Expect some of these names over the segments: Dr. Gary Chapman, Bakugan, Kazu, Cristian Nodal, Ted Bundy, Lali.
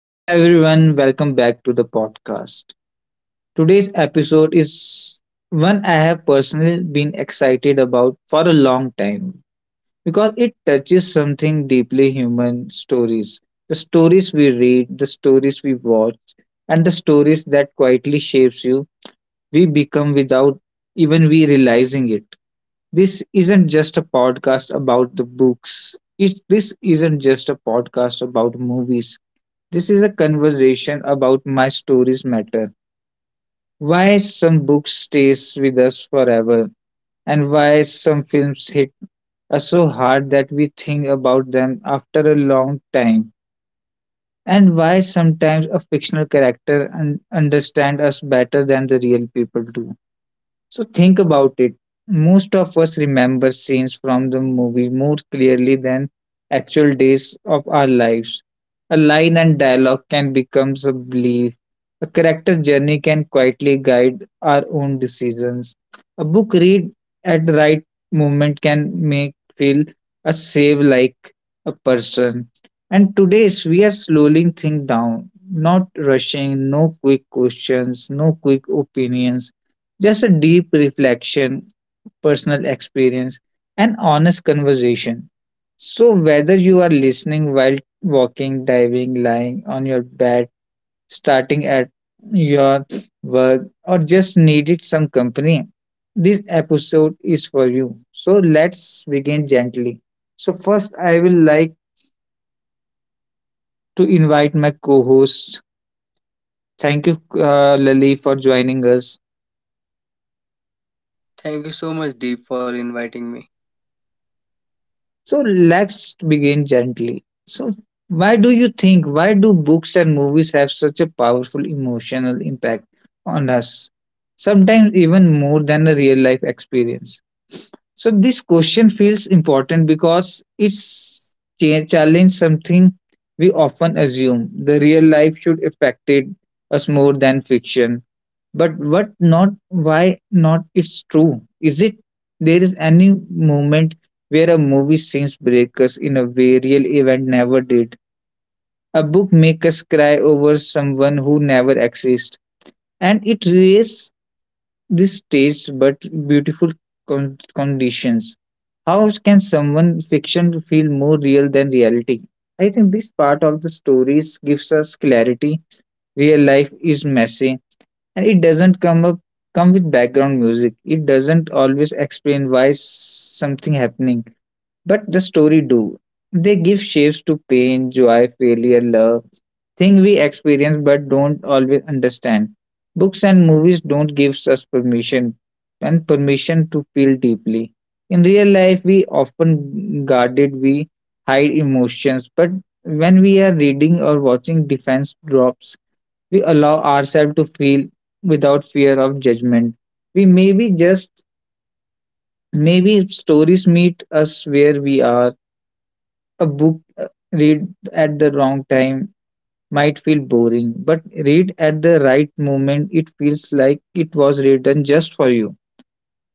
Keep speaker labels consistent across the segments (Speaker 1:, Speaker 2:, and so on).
Speaker 1: Hello everyone, welcome back to the podcast. Today's episode is one I have personally been excited about for a long time because it touches something deeply human stories. The stories we read, the stories we watch, and the stories that quietly shapes you, we become without even we realizing it. This isn't just a podcast about the books. This isn't just a podcast about movies, this is a conversation about my stories matter. Why some books stays with us forever, and why some films hit us so hard that we think about them after a long time, and why sometimes a fictional character understand us better than the real people do. So think about it. Most of us remember scenes from the movie more clearly than actual days of our lives. A line and dialogue can become a belief. A character journey can quietly guide our own decisions. A book read at the right moment can make feel a save like a person. And today's we are slowing things down, not rushing, no quick questions, no quick opinions, just a deep reflection, personal experience, and honest conversation. So, whether you are listening while walking, diving, lying on your bed, starting at your work, or just needed some company, this episode is for you. So, let's begin gently. So, first, I will like to invite my co host. Thank you, Lali, for joining us.
Speaker 2: Thank you so much, Deep, for inviting me.
Speaker 1: So let's begin gently. So, why do books and movies have such a powerful emotional impact on us? Sometimes even more than a real life experience. So, this question feels important because it's challenge something we often assume the real life should affected us more than fiction, but what not? Why not? It's true. Is it there is any moment where a movie scenes break us in a way real event never did? A book make us cry over someone who never exists, and it raises this stage but beautiful conditions. How can someone fiction feel more real than reality? I think this part of the stories gives us clarity. Real life is messy and it doesn't come with background music. It doesn't always explain why something happening. But the story do. They give shapes to pain, joy, failure, love, thing we experience but don't always understand. Books and movies don't give us permission and permission to feel deeply. In real life, we often guarded, we hide emotions, but when we are reading or watching defense drops, we allow ourselves to feel without fear of judgment. We maybe just maybe stories meet us where we are a book, read at the wrong time might feel boring, but read at the right moment, it feels like it was written just for you.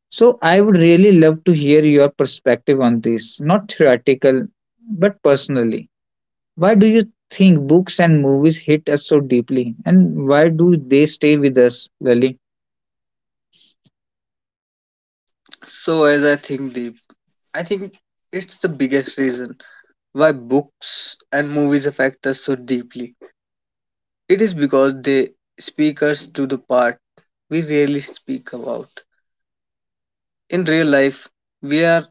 Speaker 1: So, I would really love to hear your perspective on this, not theoretical, but personally. Why do you think books and movies hit us so deeply, and why do they stay with us, Lali?
Speaker 2: So, as I think, Deep, I think it's the biggest reason why books and movies affect us so deeply. It is because they speak us to the part we rarely speak about. In real life, we are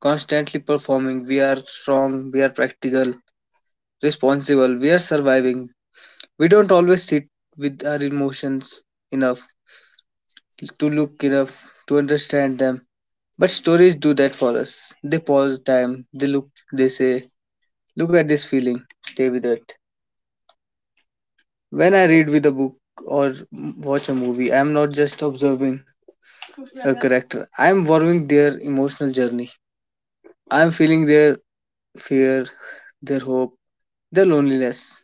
Speaker 2: constantly performing, we are strong, we are practical, responsible, we are surviving. We don't always sit with our emotions enough to look enough to understand them. But stories do that for us. They pause time, they look, they say, look at this feeling, stay with it. When I read with a book or watch a movie, I am not just observing a character, I am following their emotional journey. I am feeling their fear, their hope, their loneliness,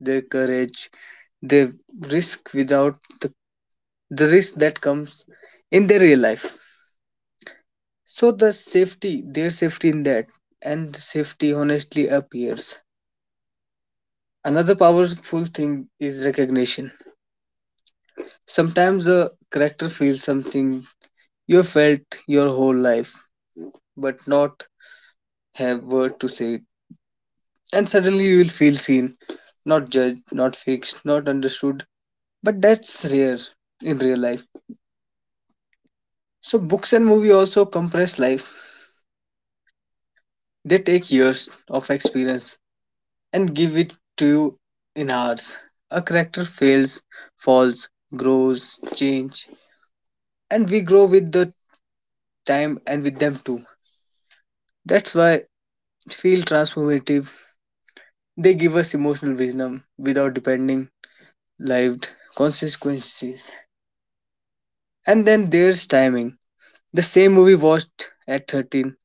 Speaker 2: their courage, their risk without the, the risk that comes in their real life. So the safety, their safety in that, and the safety honestly appears. Another powerful thing is recognition. Sometimes a character feels something you have felt your whole life, but not have word to say it. And suddenly you will feel seen, not judged, not fixed, not understood. But that's rare in real life. So books and movie also compress life. They take years of experience and give it to you in hours. A character fails, falls, grows, change, and we grow with the time and with them too. That's why it feel transformative. They give us emotional wisdom without depending lived consequences. And then there's timing. The same movie watched at 13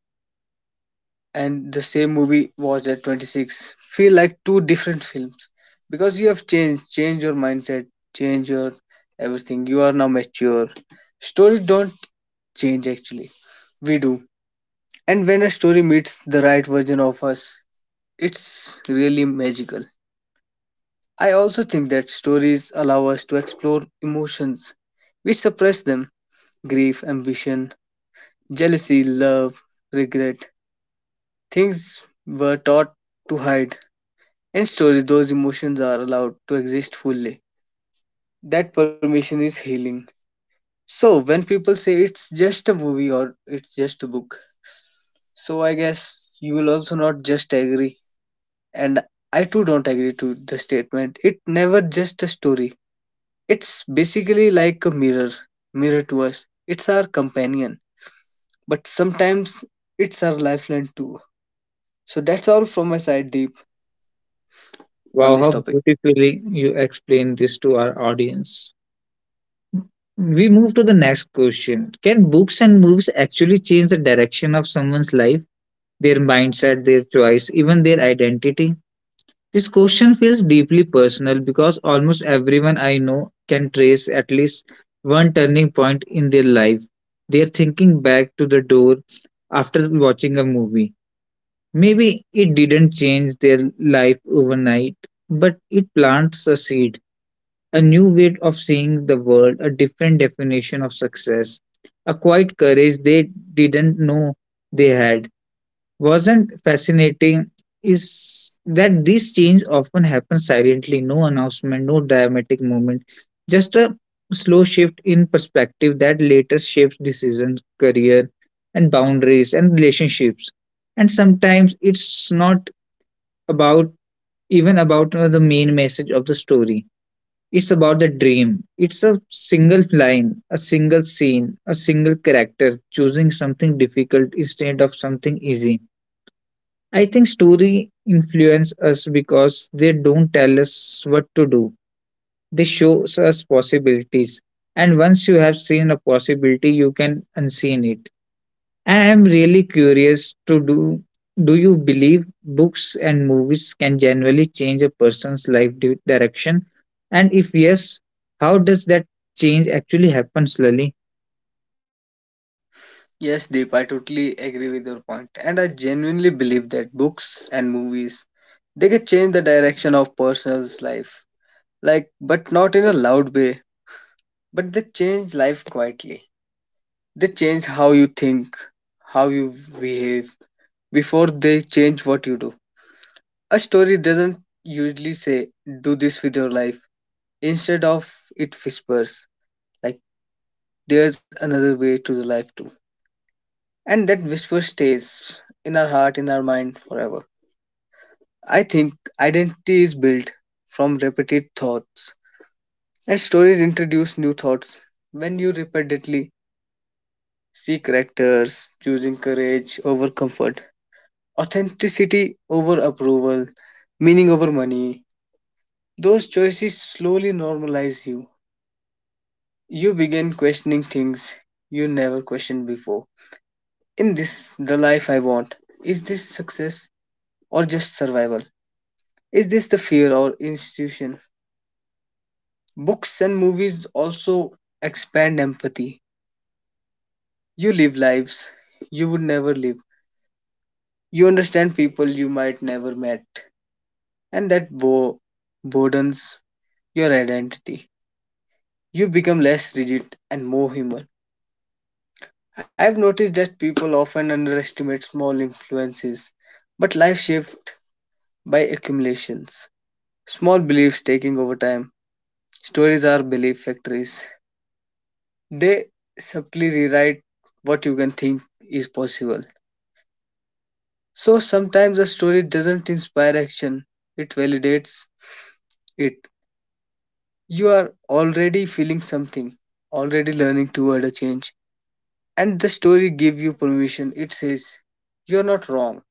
Speaker 2: and the same movie watched at 26 feel like two different films because you have changed, change your mindset, change your everything. You are now mature. Stories don't change actually. We do. And when a story meets the right version of us, it's really magical. I also think that stories allow us to explore emotions. We suppress them, grief, ambition, jealousy, love, regret. Things were taught to hide. In stories, those emotions are allowed to exist fully. That permission is healing. So, when people say it's just a movie or it's just a book, so I guess you will also not just agree. And I too don't agree to the statement. It never just a story. It's basically like a mirror, mirror to us. It's our companion, but sometimes it's our lifeline too. So that's all from my side, Deep, on
Speaker 1: Wow,
Speaker 2: this
Speaker 1: how
Speaker 2: topic.
Speaker 1: beautifully you explain this to our audience. We move to the next question. Can books and movies actually change the direction of someone's life, their mindset, their choice, even their identity? This question feels deeply personal because almost everyone I know can trace at least one turning point in their life. They're thinking back to the door after watching a movie. Maybe it didn't change their life overnight, but it plants a seed, a new way of seeing the world, a different definition of success, a quiet courage they didn't know they had. Wasn't fascinating is that this change often happens silently, no announcement, no dramatic moment, just a slow shift in perspective that later shapes decisions, career, and boundaries and relationships. And sometimes it's not about even about the main message of the story, it's about the dream. It's a single line, a single scene, a single character, choosing something difficult instead of something easy. I think story influence us because they don't tell us what to do. They shows us possibilities. And once you have seen a possibility, you can unseen it. I am really curious to do Do you believe books and movies can generally change a person's life direction? And if yes, how does that change actually happen, Lily?
Speaker 2: Yes, Deep, I totally agree with your point, and I genuinely believe that books and movies they can change the direction of person's life, like but not in a loud way. But they change life quietly. They change how you think, how you behave before they change what you do. A story doesn't usually say, do this with your life. Instead of it whispers, like, there's another way to the life too. And that whisper stays in our heart, in our mind forever. I think identity is built from repeated thoughts, and stories introduce new thoughts. When you repeatedly see characters choosing courage over comfort, authenticity over approval, meaning over money, those choices slowly normalize you. You begin questioning things you never questioned before. In this, the life I want, is this success or just survival? Is this the fear or institution? Books and movies also expand empathy. You live lives you would never live. You understand people you might never met, and that broadens your identity. You become less rigid and more human. I've noticed that people often underestimate small influences, but life shaped by accumulations. Small beliefs taking over time. Stories are belief factories. They subtly rewrite what you can think is possible. So sometimes a story doesn't inspire action, it validates it. You are already feeling something, already learning toward a change. And the story gives you permission. It says, you're not wrong,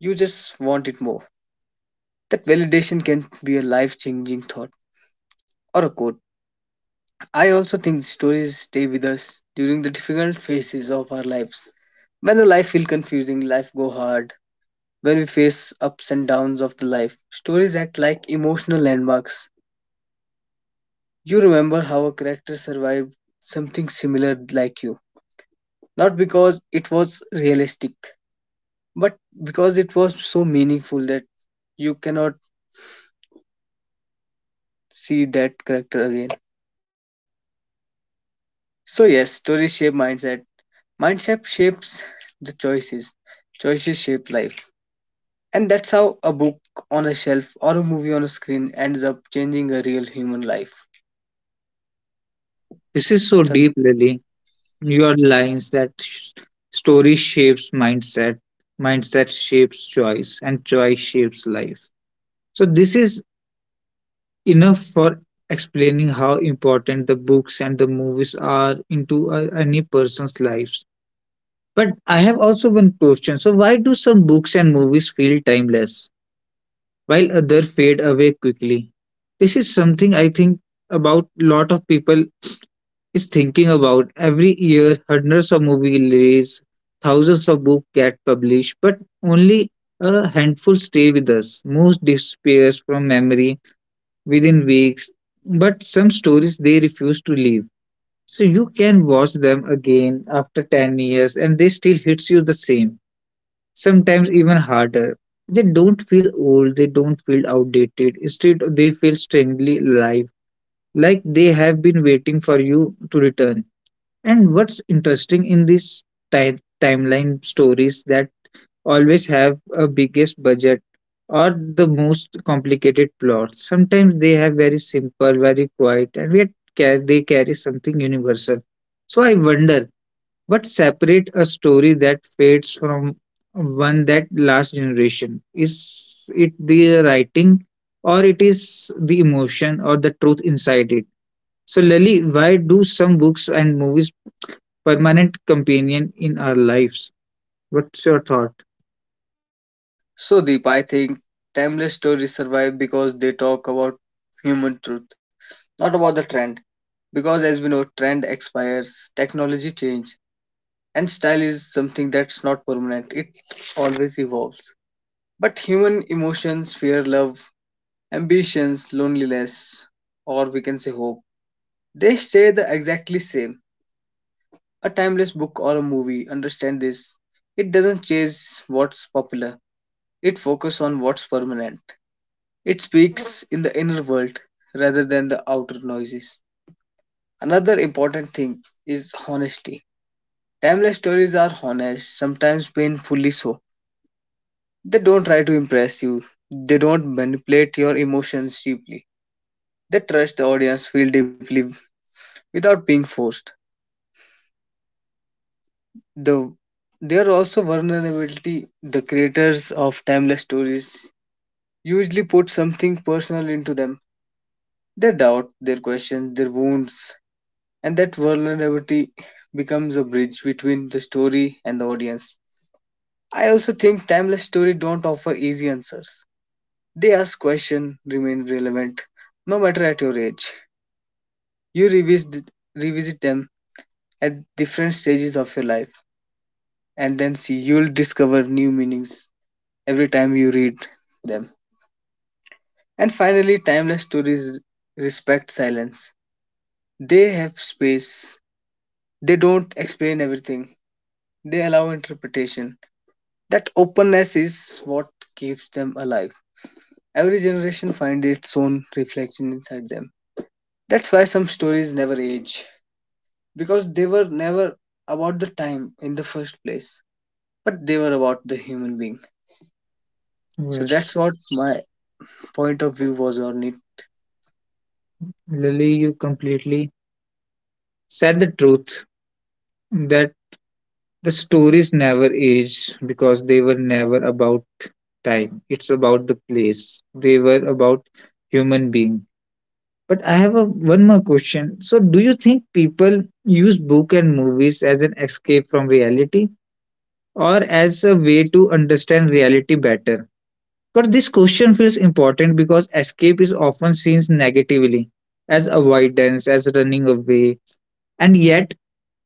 Speaker 2: you just want it more. That validation can be a life changing thought or a quote. I also think stories stay with us during the difficult phases of our lives. When the life feel confusing, life go hard, when we face ups and downs of the life, stories act like emotional landmarks. You remember how a character survived something similar like you, not because it was realistic, but because it was so meaningful that you cannot see that character again. So yes, stories shape mindset. Mindset shapes the choices, choices shape life. And that's how a book on a shelf or a movie on a screen ends up changing a real human life.
Speaker 1: This is so
Speaker 2: So,
Speaker 1: deep, Lily. Your lines that story shapes mindset, mindset shapes choice, and choice shapes life. So this is enough for explaining how important the books and the movies are into a, any person's life. But I have also one question. So, why do some books and movies feel timeless while others fade away quickly? This is something I think about lot of people is thinking about. Every year, hundreds of movies release, thousands of books get published, but only a handful stay with us. Most disappears from memory within weeks, but some stories they refuse to leave. So you can watch them again after 10 years and they still hits you the same, sometimes even harder. They don't feel old, they don't feel outdated. Instead, they feel strangely alive, like they have been waiting for you to return. And what's interesting in these timeline stories that always have a biggest budget or the most complicated plots. Sometimes they have very simple, very quiet, and yet they carry something universal. So I wonder what separate a story that fades from one that lasts generation? Is it the writing or it is the emotion or the truth inside it? So Lali, why do some books and movies permanent companion in our lives? What's your thought?
Speaker 2: so Deep, I think timeless stories survive because they talk about human truth, not about the trend. Because as we know, trend expires, technology change, and style is something that's not permanent. It always evolves. But human emotions, fear, love, ambitions, loneliness, or we can say hope, they stay the exactly same. A timeless book or a movie, understand this. It doesn't chase what's popular. It focuses on what's permanent. It speaks in the inner world rather than the outer noises. Another important thing is honesty. Timeless stories are honest, sometimes painfully so. They don't try to impress you. They don't manipulate your emotions deeply. They trust the audience feel deeply without being forced. The there are also vulnerability. The creators of timeless stories usually put something personal into them. Their doubt, their questions, their wounds, and that vulnerability becomes a bridge between the story and the audience. I also think timeless stories don't offer easy answers. They ask questions remain relevant no matter at your age. You revisit them at different stages of your life and then see you'll discover new meanings every time you read them. And finally, timeless stories respect silence. They have space, they don't explain everything, they allow interpretation. That openness is what keeps them alive. Every generation finds its own reflection inside them. That's why some stories never age, because they were never about the time in the first place, but they were about the human being. So that's
Speaker 1: Yes.
Speaker 2: what my point of view was on it.
Speaker 1: Lily, you completely said the truth that the stories never age because they were never about time. It's about the place. They were about human being. But I have a, one more question. So, do you think people use book and movies as an escape from reality or as a way to understand reality better? But this question feels important because escape is often seen negatively as avoidance, as running away, and yet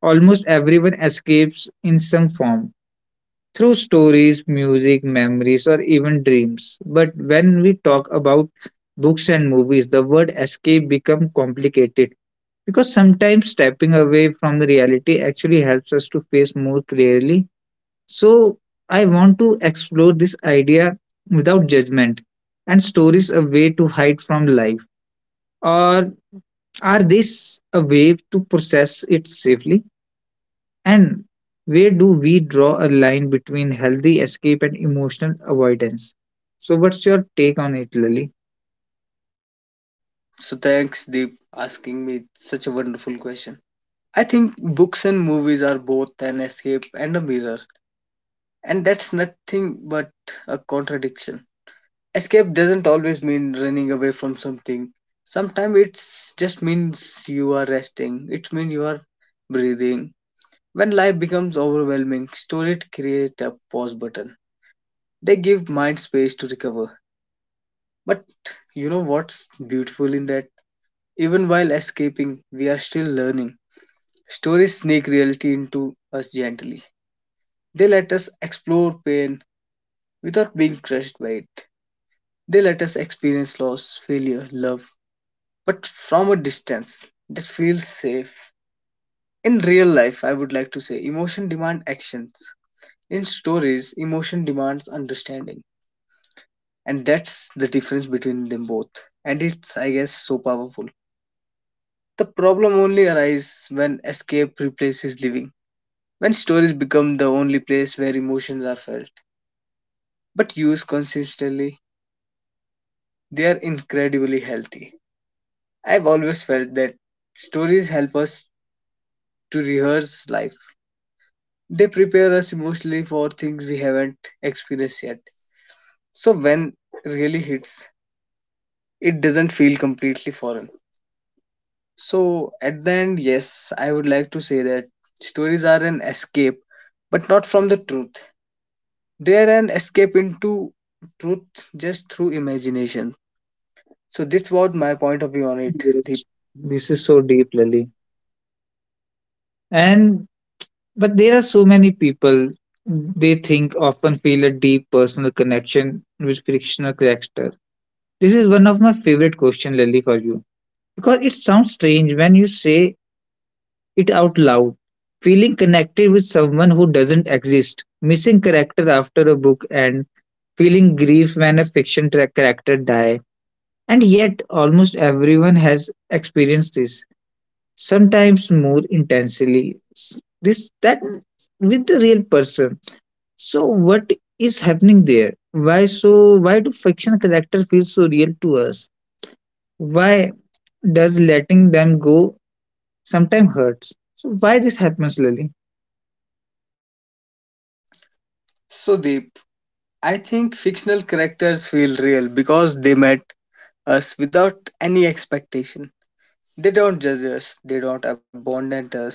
Speaker 1: almost everyone escapes in some form through stories, music, memories, or even dreams. But when we talk about books and movies, the word escape becomes complicated because sometimes stepping away from the reality actually helps us to face more clearly. So, I want to explore this idea without judgment and stories a way to hide from life. Or are this a way to process it safely? And where do we draw a line between healthy escape and emotional avoidance? So, what's your take on it, Lily?
Speaker 2: So thanks, Deep, asking me such a wonderful question. I think books and movies are both an escape and a mirror, and that's nothing but a contradiction. Escape doesn't always mean running away from something. Sometimes it just means you are resting. It means you are breathing. When life becomes overwhelming, stories create a pause button. They give mind space to recover. But you know what's beautiful in that? Even while escaping, we are still learning. Stories sneak reality into us gently. They let us explore pain without being crushed by it. They let us experience loss, failure, love, but from a distance that feels safe. In real life, I would like to say emotion demand actions. In stories, emotion demands understanding. And that's the difference between them both. And it's, I guess, so powerful. The problem only arises when escape replaces living. When stories become the only place where emotions are felt but used consistently, they are incredibly healthy. I've always felt that stories help us to rehearse life. They prepare us emotionally for things we haven't experienced yet. So when really hits, it doesn't feel completely foreign. So at the end, yes, I would like to say that stories are an escape, but not from the truth. They are an escape into truth just through imagination. So that's what my point of view on it,
Speaker 1: Yes.
Speaker 2: Deep.
Speaker 1: This is so deep, Lily. And but there are so many people they think often feel a deep personal connection with fictional character. This is one of my favorite question, Lily, for you because it sounds strange when you say it out loud. Feeling connected with someone who doesn't exist, missing character after a book and feeling grief when a fiction character die, and yet almost everyone has experienced this sometimes more intensely, s- this that with the real person. So what is happening there? Why so? Why do fiction characters feel so real to us? Why does letting them go sometimes hurts? So why this happens, Lily?
Speaker 2: So Deep, I think fictional characters feel real because they met us without any expectation. They don't judge us, they don't abandon us,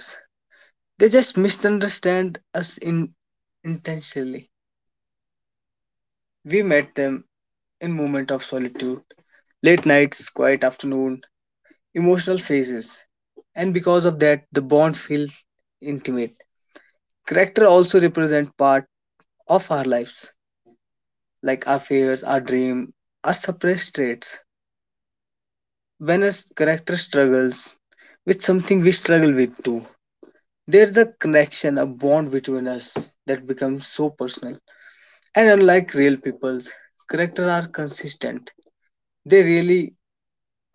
Speaker 2: they just misunderstand us intentionally. We met them in moment of solitude, late nights, quiet afternoon, emotional phases, and because of that, the bond feels intimate. Character also represent part of our lives, like our fears, our dream, our suppressed traits. When a character struggles with something we struggle with too, there's a connection, a bond between us that becomes so personal. And unlike real people's, characters are consistent. They really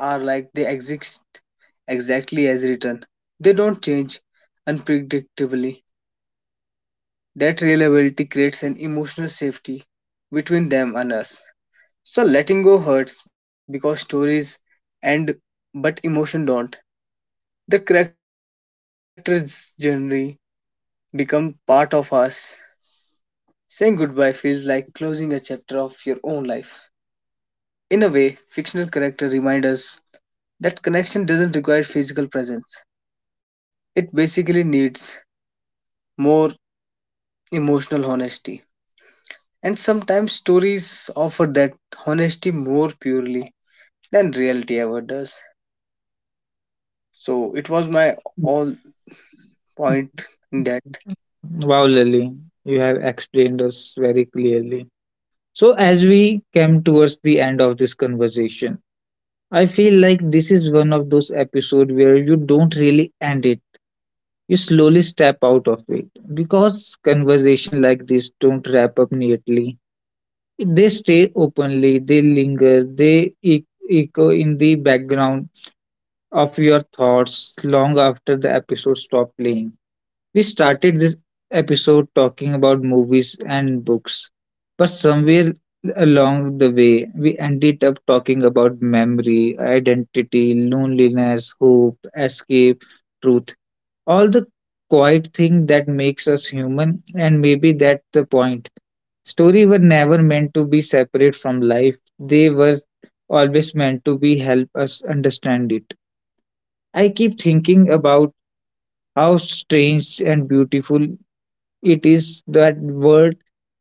Speaker 2: are like they exist exactly as written. They don't change unpredictably. That reliability creates an emotional safety between them and us. So letting go hurts because stories end but emotion don't. The characters' journey become part of us. Saying goodbye feels like closing a chapter of your own life. In a way, fictional characters remind us that connection doesn't require physical presence. It basically needs more emotional honesty. And sometimes stories offer that honesty more purely than reality ever does. So it was my all point in that.
Speaker 1: Wow, Lily, you have explained us very clearly. So, as we came towards the end of this conversation, I feel like this is one of those episodes where you don't really end it. You slowly step out of it because conversation like this don't wrap up neatly. They stay openly, they linger, they echo in the background of your thoughts long after the episode stops playing. We started this episode talking about movies and books, but somewhere along the way, we ended up talking about memory, identity, loneliness, hope, escape, truth. All the quiet thing that makes us human, and maybe that's the point. Stories were never meant to be separate from life, they were always meant to be help us understand it. I keep thinking about how strange and beautiful it is that word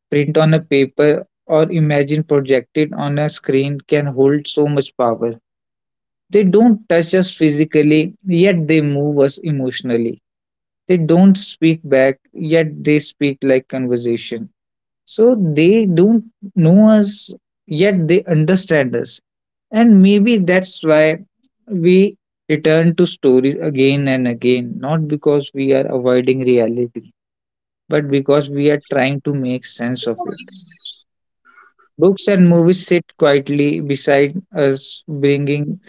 Speaker 1: print on a paper or imagine projected on a screen can hold so much power. They don't touch us physically, yet they move us emotionally. They don't speak back, yet they speak like conversation. So they don't know us, yet they understand us. And maybe that's why we return to stories again and again, not because we are avoiding reality, but because we are trying to make sense of it. Books and movies sit quietly beside us, bringing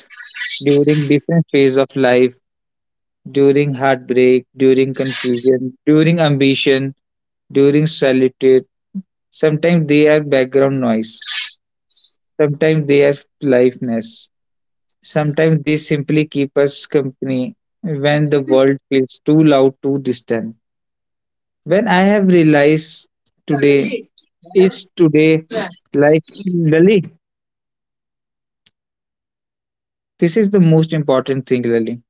Speaker 1: during different phases of life, during heartbreak, during confusion, during ambition, during solitude. Sometimes they are background noise, sometimes they are liveness, sometimes they simply keep us company when the world feels too loud, too distant. When I have realized today, is today like Lali, this is the most important thing, Lily.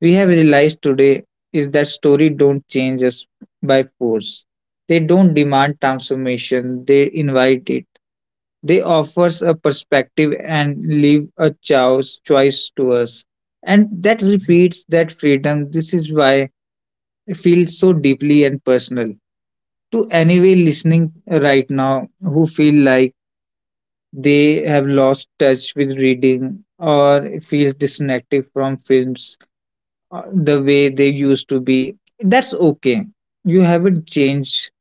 Speaker 1: We have realized today is that stories don't change us by force. They don't demand transformation, they invite it. They offer us a perspective and leave a choice to us. And that repeats that freedom. This is why I feel so deeply and personal. To anyone listening right now who feel like they have lost touch with reading or feels disconnected from films, the way they used to be, that's okay. You haven't changed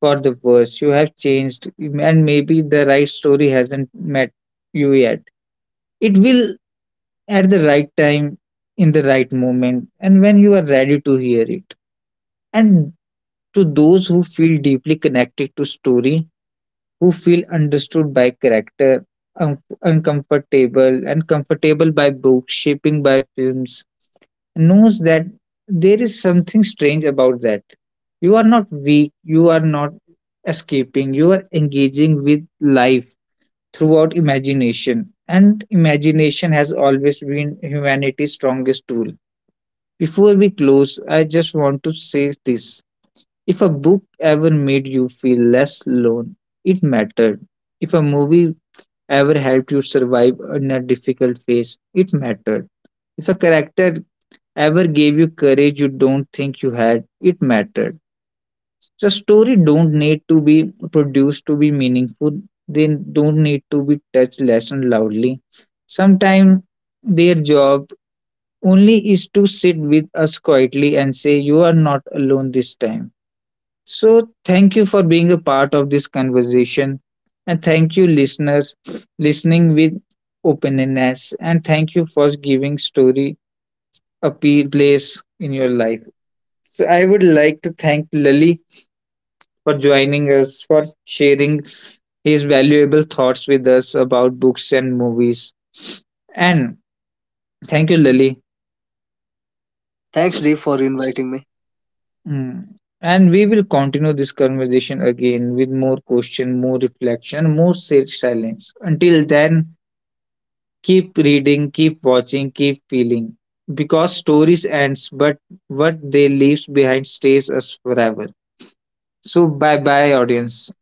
Speaker 1: for the worse, you have changed, and maybe the right story hasn't met you yet. It will, at the right time, in the right moment, and when you are ready to hear it. And to those who feel deeply connected to story, who feel understood by character, uncomfortable and comfortable by books shaping by films, knows that there is something strange about that. You are not weak, you are not escaping, you are engaging with life throughout imagination. And imagination has always been humanity's strongest tool. Before we close, I just want to say this. If a book ever made you feel less alone, it mattered. If a movie ever helped you survive in a difficult phase, it mattered. If a character ever gave you courage you don't think you had, it mattered. So story don't need to be produced to be meaningful, they don't need to be touched lesson loudly. Sometimes their job only is to sit with us quietly and say you are not alone this time. So thank you for being a part of this conversation, and thank you listeners listening with openness, and thank you for giving story a place in your life. So I would like to thank Lali for joining us, for sharing his valuable thoughts with us about books and movies. And thank you, Lali.
Speaker 2: Thanks Dave for inviting me.
Speaker 1: Mm. And we will continue this conversation again with more question, more reflection, more safe silence. Until then, keep reading, keep watching, keep feeling. Because stories ends, but what they leaves behind stays us forever. So bye bye, audience.